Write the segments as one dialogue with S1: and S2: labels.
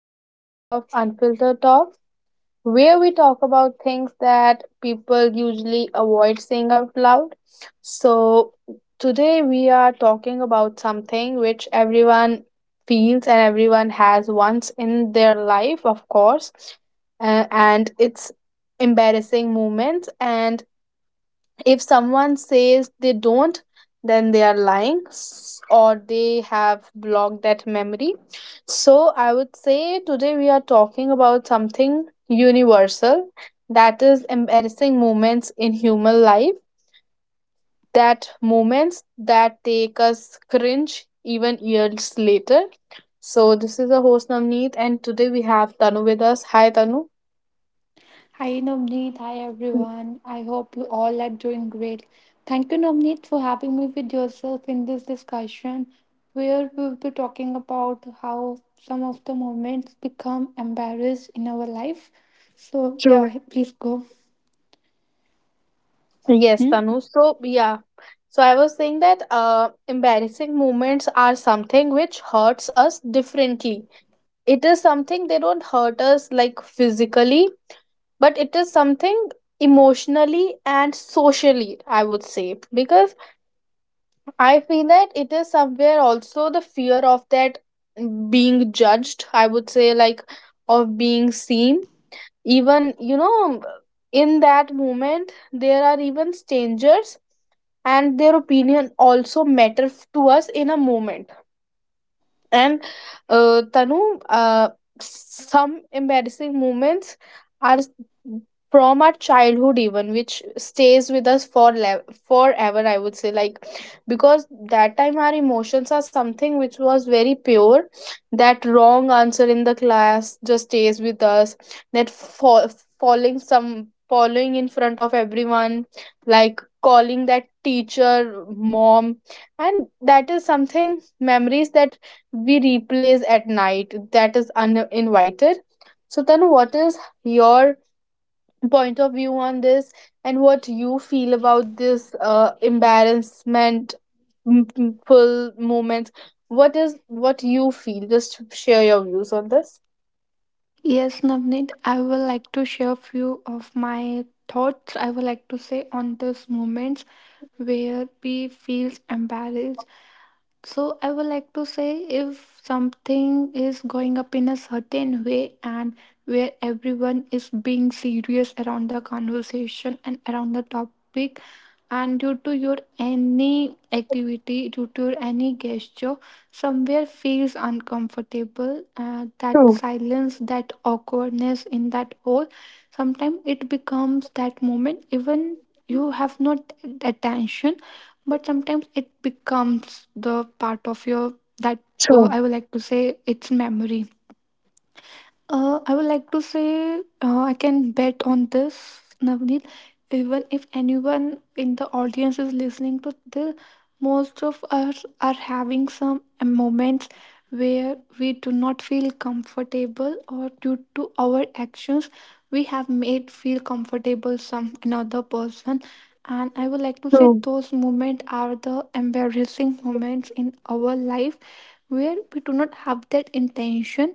S1: episode of Unfiltered Talk, where we talk about things that people usually avoid saying out loud. So, today we are talking about something which everyone feels and everyone has once in their life, of course, and it's embarrassing moments. And if someone says they don't, then they are lying or they have blocked that memory. So I would say today we are talking about something universal, that is embarrassing moments in human life, that moments that take us cringe even years later. So this is the host Navneet, and today we have Tanu with us. Hi, Tanu.
S2: Hi Navneet, hi everyone. I hope you all are doing great. Thank you Navneet for having me with yourself in this discussion where we will be talking about how some of the moments become embarrassed in our life. So
S1: True.
S2: yeah, please go.
S1: Yes,
S2: Hmm?
S1: Tanu. So, yeah. So, I was saying that embarrassing moments are something which hurts us differently. It is something they don't hurt us like physically, but it is something emotionally and socially, I would say. Because I feel that it is somewhere also the fear of that being judged, I would say, like of being seen. Even, in that moment, there are even strangers and their opinion also matter to us in a moment. And uh, Tanu, uh, some embarrassing moments are from our childhood even, which stays with us for forever, I would say. Like because that time our emotions are something which was very pure. That wrong answer in the class just stays with us, that fa- falling, some falling in front of everyone, like calling that teacher mom, and that is something memories that we replays at night, that is uninvited. So, Tanu, what is your point of view on this, and what you feel about this embarrassment full moment? What is what you feel? Just share your views on this.
S2: Yes, Navneet, I would like to share few of my thoughts. I would like to say on these moments where we feels embarrassed. So I would like to say if something is going up in a certain way and where everyone is being serious around the conversation and around the topic and due to your any activity due to your any gesture somewhere feels uncomfortable, that
S1: True,
S2: silence, that awkwardness in that hole sometimes it becomes that moment even you have not attention, but sometimes it becomes the part of your that
S1: true,
S2: I would like to say it's memory. I would like to say, I can bet on this, Navneet. Even if anyone in the audience is listening to this, most of us are having some moments where we do not feel comfortable, or due to our actions, we have made feel comfortable some another person. And I would like to say
S1: true,
S2: those moments are the embarrassing moments in our life where we do not have that intention,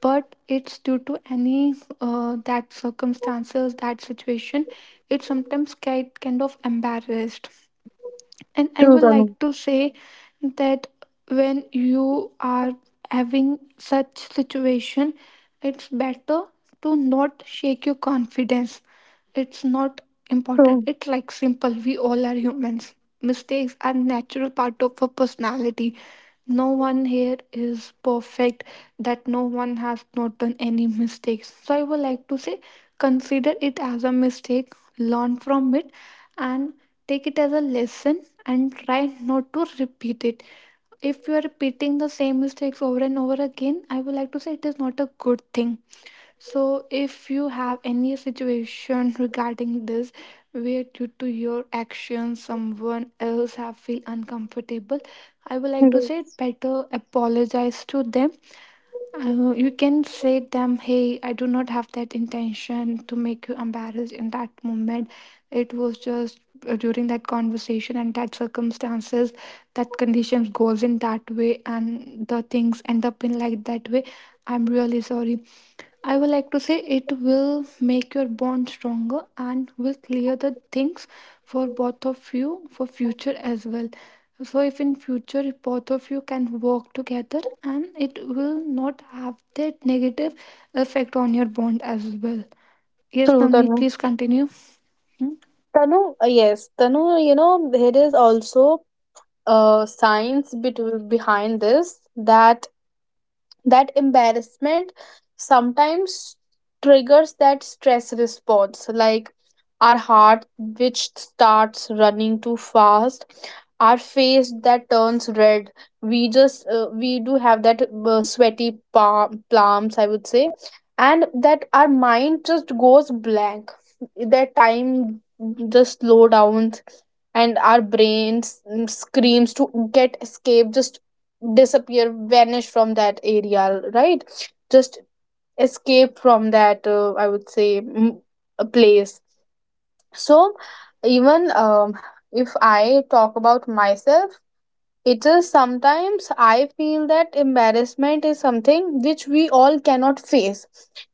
S2: but it's due to any that circumstances, that situation. It sometimes get kind of embarrassed, and I
S1: true,
S2: would
S1: Tanu.
S2: like to say that when you are having such situation, it's better to not shake your confidence. It's not important.
S1: True,
S2: It's like simple. We all are humans. Mistakes are natural part of a personality. No one here is perfect. That no one has not done any mistakes. So I would like to say, consider it as a mistake. Learn from it, and take it as a lesson and try not to repeat it. If you are repeating the same mistakes over and over again, I would like to say it is not a good thing. So, if you have any situation regarding this where due to your actions someone else have feel uncomfortable, I would like to say
S1: yes,
S2: better apologize to them. You can say them, hey, I do not have that intention to make you embarrassed in that moment. It was just during that conversation and that circumstances, that conditions goes in that way and the things end up in like that way. I'm really sorry. I would like to say it will make your bond stronger and will clear the things for both of you for future as well. So if in future both of you can work together, and it will not have that negative effect on your bond as well. Yes,
S1: true,
S2: Namni,
S1: Tanu.
S2: please continue. Hmm?
S1: Tanu, yes, Tanu, you know, there is also uh, science bet- behind this that that embarrassment sometimes triggers that stress response. Like our heart which starts running too fast, our face that turns red, we just we do have that sweaty palm, palms, I would say, and that our mind just goes blank that time, just slow down, and our brain, screams to get escape, just disappear, vanish from that area, right? Just escape from that, I would say, a place. So even if I talk about myself, it is sometimes I feel that embarrassment is something which we all cannot face,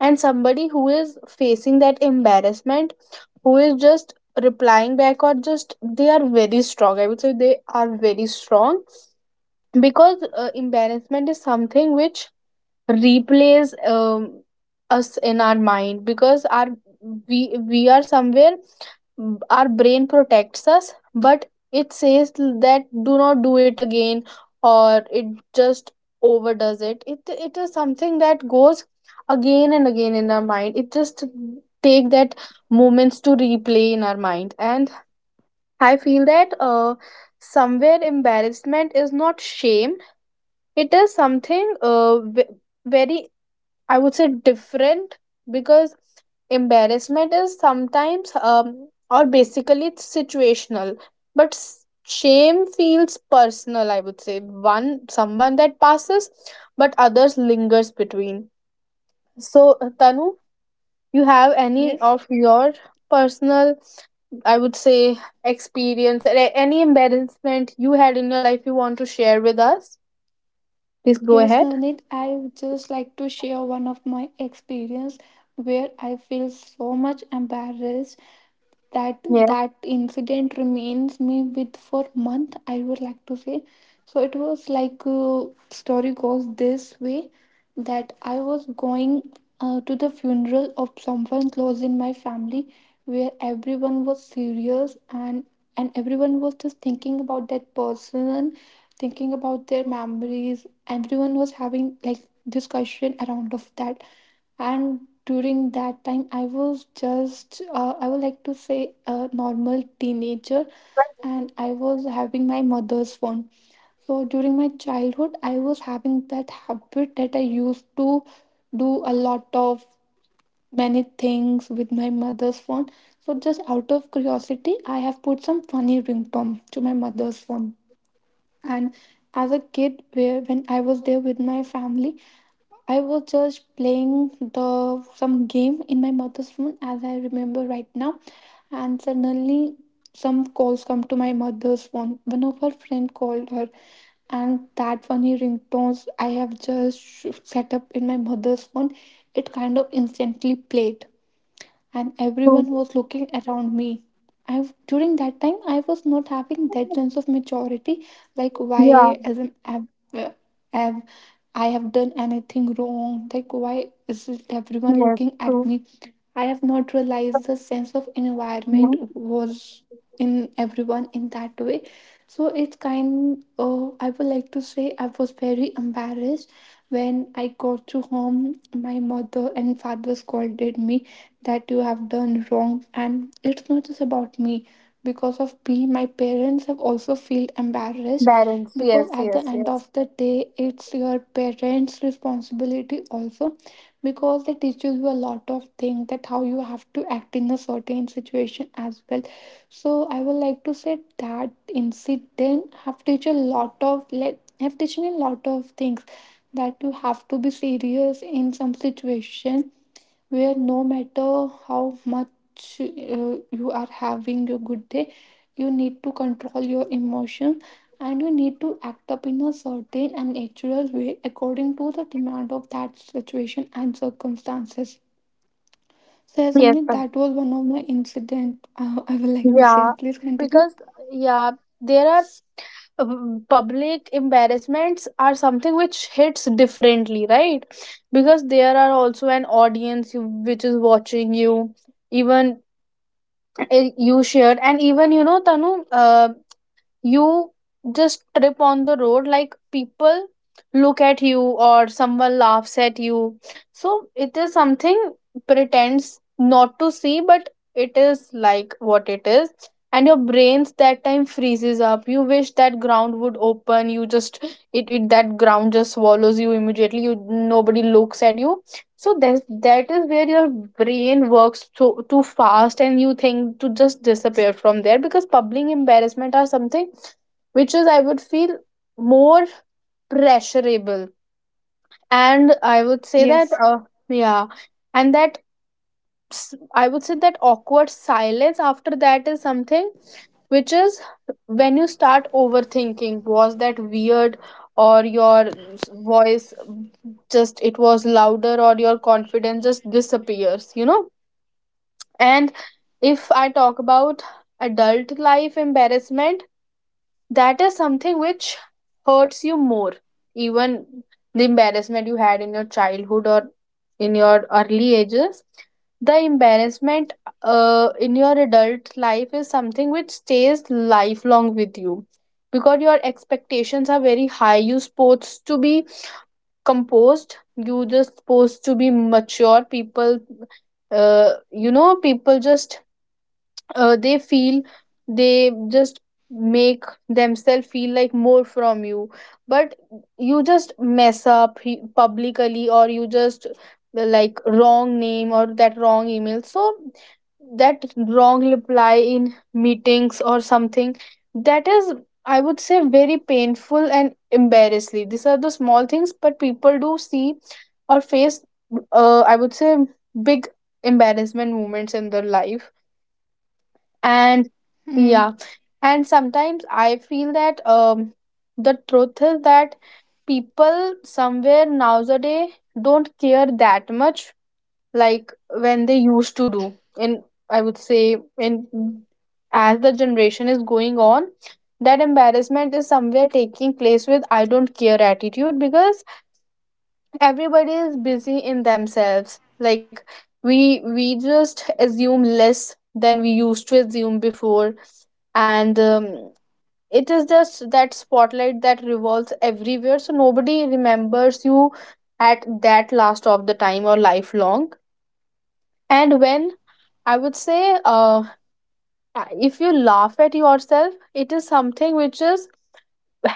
S1: and somebody who is facing that embarrassment, who is just replying back, or just they are very strong, I would say they are very strong. Because embarrassment is something which replays us in our mind, because our we are somewhere, mm, our brain protects us, but it says that do not do it again, or it just overdoes it. It is something that goes again and again in our mind. It just take that moments to replay in our mind. And I feel that somewhere embarrassment is not shame. It is something, very, I would say, different. Because embarrassment is sometimes, or basically, it's situational, but shame feels personal, I would say. One, someone that passes, but others lingers between. So Tanu, you have any
S2: Yes.
S1: of your personal, I would say, experience, or any embarrassment you had in your life you want to share with us? Please go
S2: Yes,
S1: ahead.
S2: Navneet, I would just like to share one of my experience where I feel so much embarrassed that that incident remains me with for month, I would like to say. So it was like, story goes this way that I was going to the funeral of someone close in my family, where everyone was serious and everyone was just thinking about that person, thinking about their memories. Everyone was having like discussion around of that, and during that time I was just, I would like to say a normal teenager, and I was having my mother's phone. So during my childhood I was having that habit that I used to do a lot of many things with my mother's phone. So just out of curiosity I have put some funny ringtone to my mother's phone, and as a kid where when I was there with my family, I was just playing the some game in my mother's phone as I remember right now, and suddenly some calls come to my mother's phone. One of her friend called her, and that funny ringtones I have just set up in my mother's phone, it kind of instantly played, and everyone
S1: Yeah.
S2: was looking around me. I during that time I was not having that sense of maturity, like
S1: Yeah,
S2: why as an have I have done anything wrong. Like why is it everyone
S1: yes,
S2: looking at
S1: true.
S2: me? I have not realized the sense of environment
S1: Hmm.
S2: was in everyone in that way. So it's kind. Oh, I would like to say I was very embarrassed when I got to home. My mother and father scolded me that you have done wrong, and it's not just about me, because of me my parents have also feel embarrassed,
S1: Balance.
S2: because
S1: Yes,
S2: at the
S1: yes,
S2: end
S1: yes.
S2: of the day it's your parents responsibility also, because they teaches you a lot of things that how you have to act in a certain situation as well. So I would like to say that incident have teach a lot of like have teach me a lot of things, that you have to be serious in some situation where no matter how much you are having a good day, you need to control your emotion and you need to act up in a certain and natural way according to the demand of that situation and circumstances. So yeah,
S1: Yes,
S2: Samnit,
S1: but
S2: that was one of my incident. I would like to say
S1: yeah,
S2: please continue.
S1: because yeah, there are public embarrassments are something which hits differently, right? Because there are also an audience which is watching you, even you shared. And even, you know, Tanu, you just trip on the road, like people look at you or someone laughs at you. So it is something, pretends not to see, but it is like what it is. And your brains that time freezes up, you wish that ground would open, you just, it that ground just swallows you immediately, you, nobody looks at you. So that that is where your brain works too fast, and you think to just disappear from there, because public embarrassment are something which is, I would feel, more pressurable. And I would say that
S2: Yes.
S1: yeah. And that s- I would say that awkward silence after that is something which is, when you start overthinking, was that weird, or your voice just it was louder, or your confidence just disappears, you know. And if I talk about adult life embarrassment, that is something which hurts you more, even the embarrassment you had in your childhood or in your early ages. The embarrassment in your adult life is something which stays lifelong with you, because your expectations are very high, you supposed to be composed, you just supposed to be mature people. You know, people just they feel, they just make themselves feel like more from you. But you just mess up publicly, or you just like wrong name, or that wrong email, so that wrong reply in meetings or something. That is, I would say, very painful and embarrassing. These are the small things, but people do see or face, I would say, big embarrassment moments in their life. And yeah.
S2: Mm.
S1: And sometimes I feel that the truth is that people somewhere nowadays don't care that much, like when they used to do in, I would say in, as the generation is going on, that embarrassment is somewhere taking place with I don't care attitude, because everybody is busy in themselves. Like we just assume less than we used to assume before. And it is just that spotlight that revolves everywhere, so nobody remembers you at that last of the time or lifelong. And when, I would say, if you laugh at yourself, it is something which is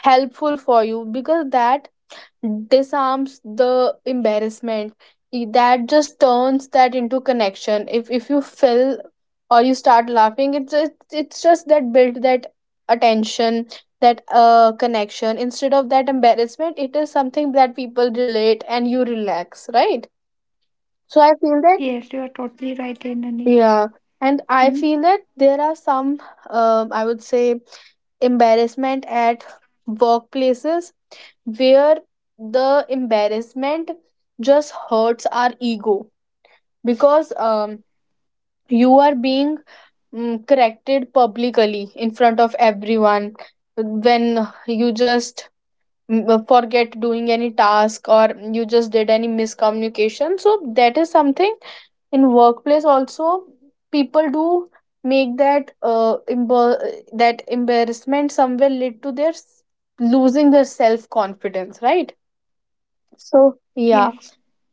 S1: helpful for you, because that disarms the embarrassment. That just turns that into connection. If you feel or you start laughing, it's just that build that attention, that connection, instead of that embarrassment. It is something that people relate and you relax, right? So I feel that
S2: Yes, you are totally right, Ananik.
S1: yeah. And I
S2: Mm.
S1: feel that there are some, I would say, embarrassment at workplaces where the embarrassment just hurts our ego. Because you are being, corrected publicly in front of everyone, when you just, forget doing any task, or you just did any miscommunication. So that is something in workplace also. People do make that, that embarrassment somewhere lead to their losing their self confidence, right? So yeah.
S2: Yes.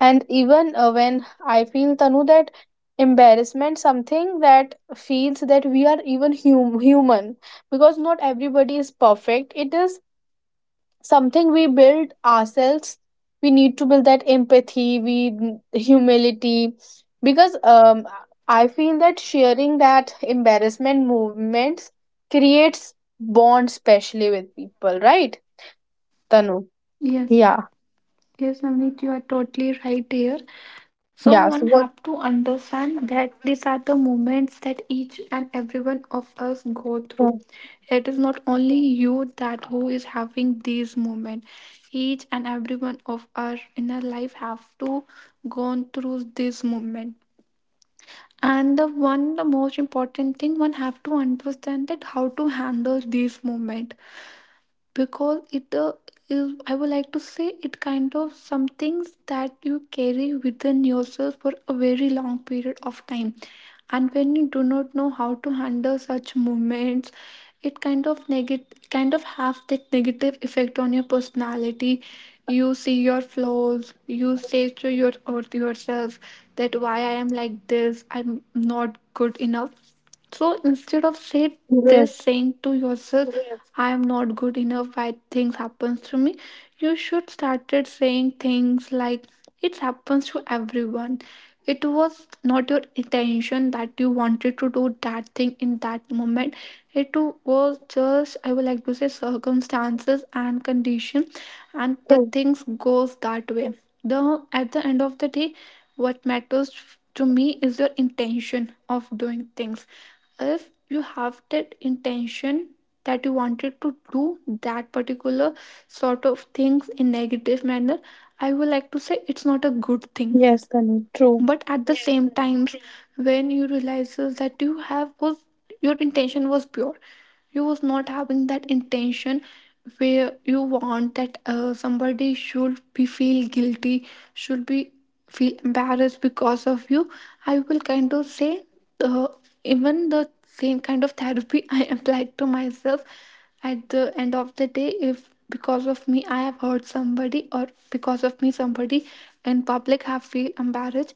S1: And even, when I feel, Tanu, that embarrassment, something that feels that we are even human, because not everybody is perfect. It is something we build ourselves. We need to build that empathy, we humility, because I feel that sharing that embarrassment movements creates bond, especially with people, right, Tanu?
S2: Yes.
S1: Yeah.
S2: Yes, Navneet, you are totally right here. So one
S1: Yeah. So
S2: have
S1: what?
S2: to understand that these are the moments that each and every one of us go through. It is not only you that who is having these moments. Each and every one of us in our life have to go through this moment. And the one the most important thing one have to understand that how to handle this moment, because it is, I would like to say it kind of some things that you carry within yourself for a very long period of time, and when you do not know how to handle such movements, it kind of negative kind of have that negative effect on your personality. You see your flaws, you say to your or to yourself that why I am like this, I'm not good enough. So instead of say
S1: Yes.
S2: this saying to yourself I am not good enough, why things happens to me, you should started saying things like it happens to everyone. It was not your intention that you wanted to do that thing in that moment. It was just, I would like to say, circumstances and condition, and the
S1: True.
S2: things goes that way. The at the end of the day what matters to me is your intention of doing things. If you have that intention that you wanted to do that particular sort of things in negative manner, I would like to say it's not a good thing.
S1: Yes, Tanu. True.
S2: But at the Yes, same yes, times when you realizes that you have was your intention was pure, you was not having that intention where you want that somebody should be feel guilty, should be feel embarrassed because of you, I will kind of say uh, even the same kind of therapy I applied to myself. At the end of the day if because of me I have hurt somebody, or because of me somebody in public have feel embarrassed,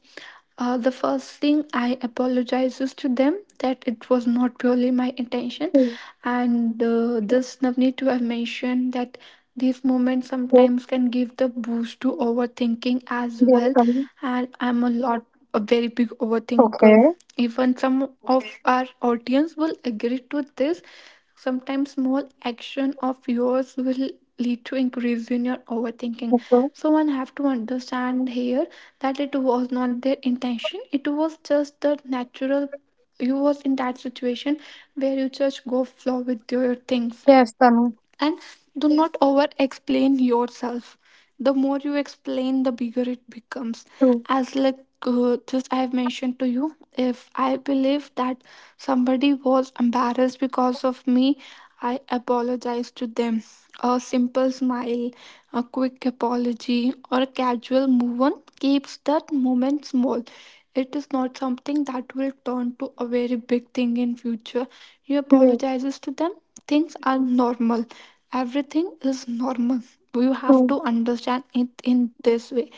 S2: the first thing I apologizes to them that it was not purely my intention,
S1: Yes,
S2: and this Navneet to have mentioned that these moments
S1: yes,
S2: sometimes can give the boost to overthinking as
S1: yes,
S2: well, and I'm a lot a very big overthinker.
S1: okay,
S2: Even some of our audience will agree to this. Sometimes small action of yours will lead to increase in your overthinking.
S1: okay.
S2: So one have to understand here that it was not their intention, it was just the natural, you was in that situation where you just go flow with your things,
S1: Yes, Tanu.
S2: and do not over explain yourself. The more you explain, the bigger it becomes.
S1: True.
S2: As like, just I have mentioned to you, if I believe that somebody was embarrassed because of me, I apologize to them. A simple smile, a quick apology, or a casual move on keeps that moment small. It is not something that will turn to a very big thing in future. You
S1: Yes,
S2: apologizes to them. Things are normal. Everything is normal. You have
S1: true.
S2: to understand it in this way.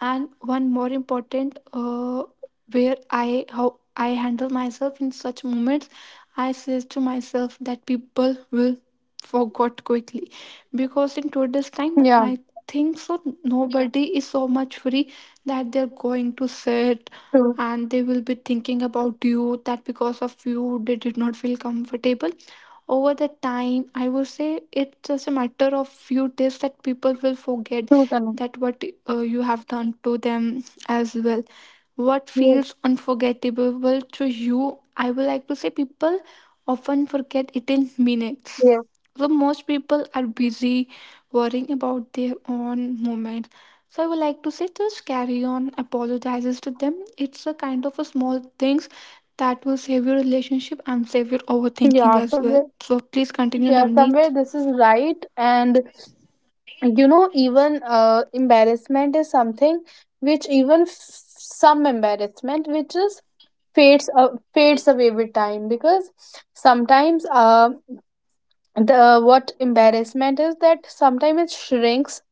S2: And one more important, where I how I handle myself in such moments. I says to myself that people will forget quickly, because in today's time
S1: Yeah,
S2: I think so nobody is so much free that they're going to sit
S1: true.
S2: and they will be thinking about you that because of you they did not feel comfortable. Over the time I would say it's just a matter of few days that people will forget
S1: True, Tanu.
S2: that what you have done to them as well. What
S1: Yes,
S2: feels unforgettable to you, I would like to say people often forget it in minutes.
S1: yes.
S2: So most people are busy worrying about their own moment. So I would like to say just carry on, apologizes to them. It's a kind of a small things that will save your relationship and save your overthinking
S1: Yeah,
S2: as well.
S1: somewhere.
S2: So please continue,
S1: Yeah, somewhere
S2: Navneet.
S1: this is right. And you know, even embarrassment is something which even some embarrassment which is fades, fades away with time. Because sometimes the what embarrassment is that sometimes it shrinks.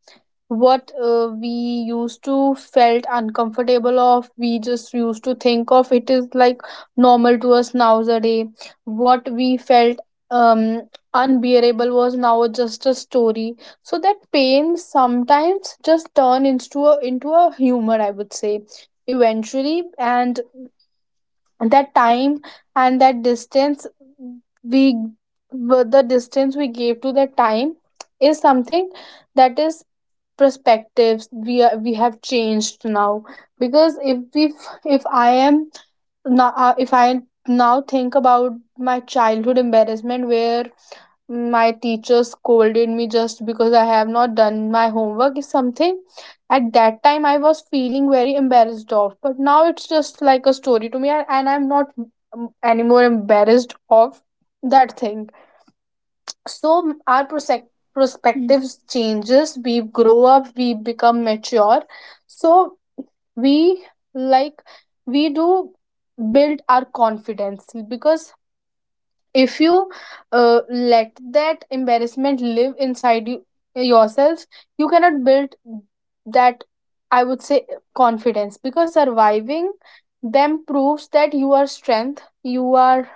S1: What we used to felt uncomfortable of, we just used to think of it is like normal to us nowadays. What we felt, um unbearable, was now just a story. So that pain sometimes just turn into a humor, I would say, eventually. And that time and that distance, we the distance we gave to the time is something, that is perspectives we are, we have changed now. Because if we, if I am now, if I now think about my childhood embarrassment, where my teacher scolded me just because I have not done my homework, is something. At that time, I was feeling very embarrassed of, but now it's just like a story to me. And I'm not, anymore embarrassed of that thing. So our
S2: Mm.
S1: perspectives changes, we grow up, we become mature. So we, like, we do build our confidence. Because if you, let that embarrassment live inside you yourself, you cannot build that, I would say, confidence. Because surviving them proves that you are strength, you are,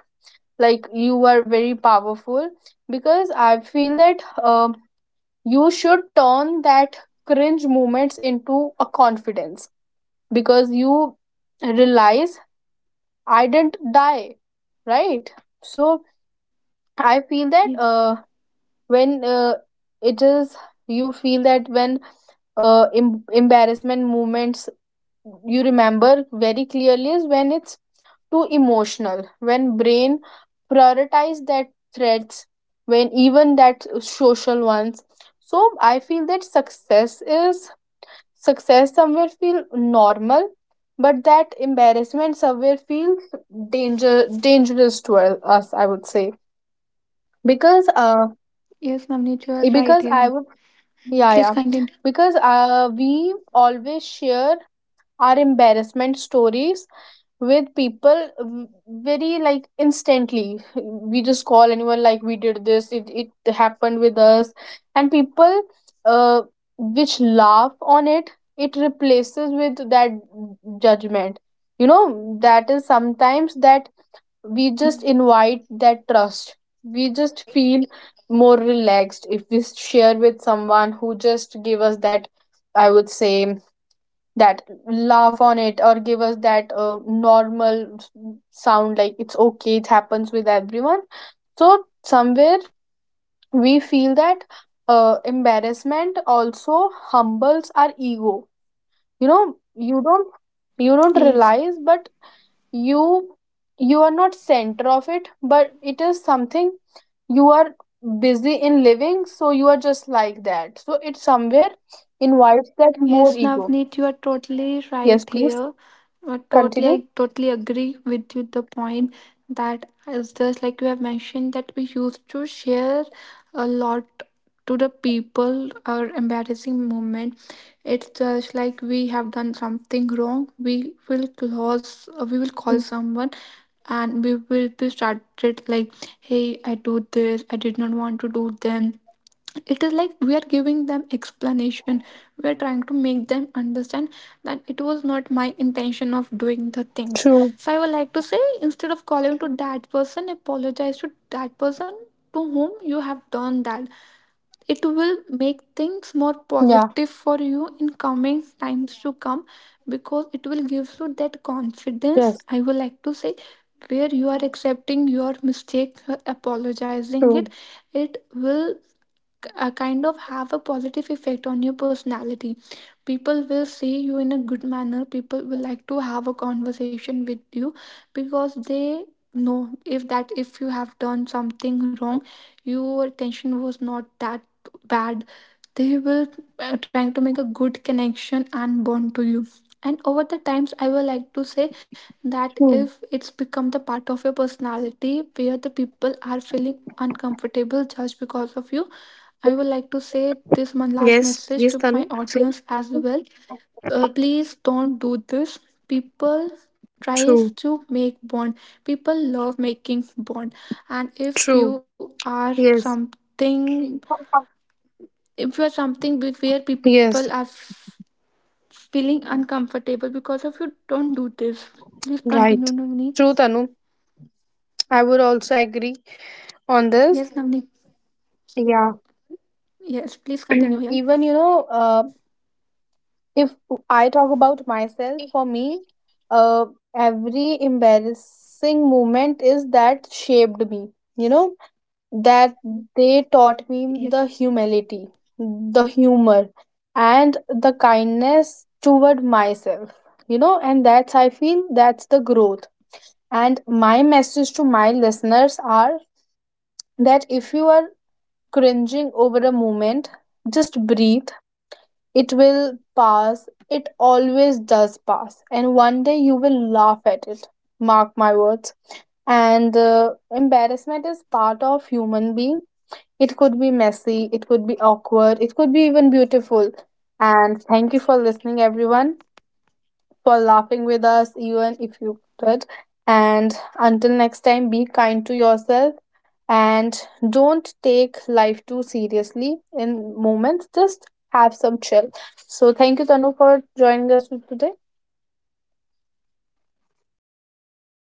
S1: like you are very powerful. Because I feel that you should turn that cringe moments into a confidence, because you realize, I didn't die, right? So I feel that
S2: Yes,
S1: when it is, you feel that when, embarrassment moments you remember very clearly, is when it's too emotional, when brain prioritize that threats, when even that social ones. So I feel that success is, success somewhere feel normal, but that embarrassment somewhere feels danger, dangerous to us, I would say. Because
S2: yes, Navneet, you are right
S1: because
S2: here.
S1: I would
S2: Mm.
S1: yeah
S2: Please
S1: yeah,
S2: continue.
S1: because we always share our embarrassment stories with people, very, like, instantly we just call anyone, like we did this, it happened with us. And people, uh, which laugh on it, it replaces with that judgment, you know. That is sometimes that we just
S2: Mm.
S1: invite that trust. We just feel more relaxed if we share with someone who just give us that, I would say, that laugh on it, or give us that, normal sound, like, it's okay, it happens with everyone. So somewhere we feel that embarrassment also humbles our ego, you know. You don't, you don't
S2: Yes.
S1: realize, but you you are not center of it, but it is something, you are busy in living, so you are just like that. So it somewhere invites that more
S2: Yes,
S1: ego.
S2: Navneet, you are totally
S1: Yes,
S2: right
S1: please
S2: here. Totally,
S1: continue.
S2: I totally agree with you. The point that is just like you have mentioned that we used to share a lot to the people our embarrassing moment. It's just like we have done something wrong. We will close. We will call someone, and we will be started like, "Hey, I do this. I did not want to do them." It is like we are giving them explanation, we are trying to make them understand that it was not my intention of doing the things.
S1: True.
S2: So I would like to say instead of calling to that person, apologize to that person to whom you have done that. It will make things more
S1: Yeah.
S2: positive for you in coming times to come, because it will give you that confidence,
S1: Yes.
S2: I would like to say, where you are accepting your mistake, you are apologizing it.
S1: True.
S2: It will kind of have a positive effect on your personality. People will see you in a good manner, people will like to have a conversation with you, because they know if that if you have done something wrong your attention was not that bad. They will trying to make a good connection and bond to you, and over the times I would like to say that
S1: True.
S2: if it's become the part of your personality where the people are feeling uncomfortable just because of you, I would like to say this one last
S1: Yes,
S2: message
S1: yes,
S2: to my
S1: Tanu. So
S2: audience as well. Please don't do this. People tries
S1: true.
S2: to make bond. People love making bond, and if
S1: True.
S2: you are
S1: Yes.
S2: something, if you are something where people are
S1: Yes.
S2: feeling uncomfortable because of you, don't do this. Please continue,
S1: Right.
S2: Navneet.
S1: True, Tanu. I would also agree on
S2: Yes,
S1: this.
S2: Navneet.
S1: Yeah.
S2: Yes, please
S1: Even,
S2: continue
S1: you
S2: here.
S1: know, if I talk about myself, for me, uh, every embarrassing moment is that shaped me, you know? That they taught me the
S2: Yes.
S1: humility, the humor, and the kindness toward myself. You know, and that's, I feel, that's the growth. And my message to my listeners are that if you are cringing over a moment, just breathe. It will pass. It always does pass. And one day you will laugh at it. Mark my words. And embarrassment is part of human being. It could be messy, it could be awkward, it could be even beautiful. And thank you for listening, everyone, for laughing with us, even if you could. And until next time, be kind to yourself, and don't take life too seriously in moments. Just have some chill. So, thank you, Tanu, for joining us today.
S2: Thank you, Navneet.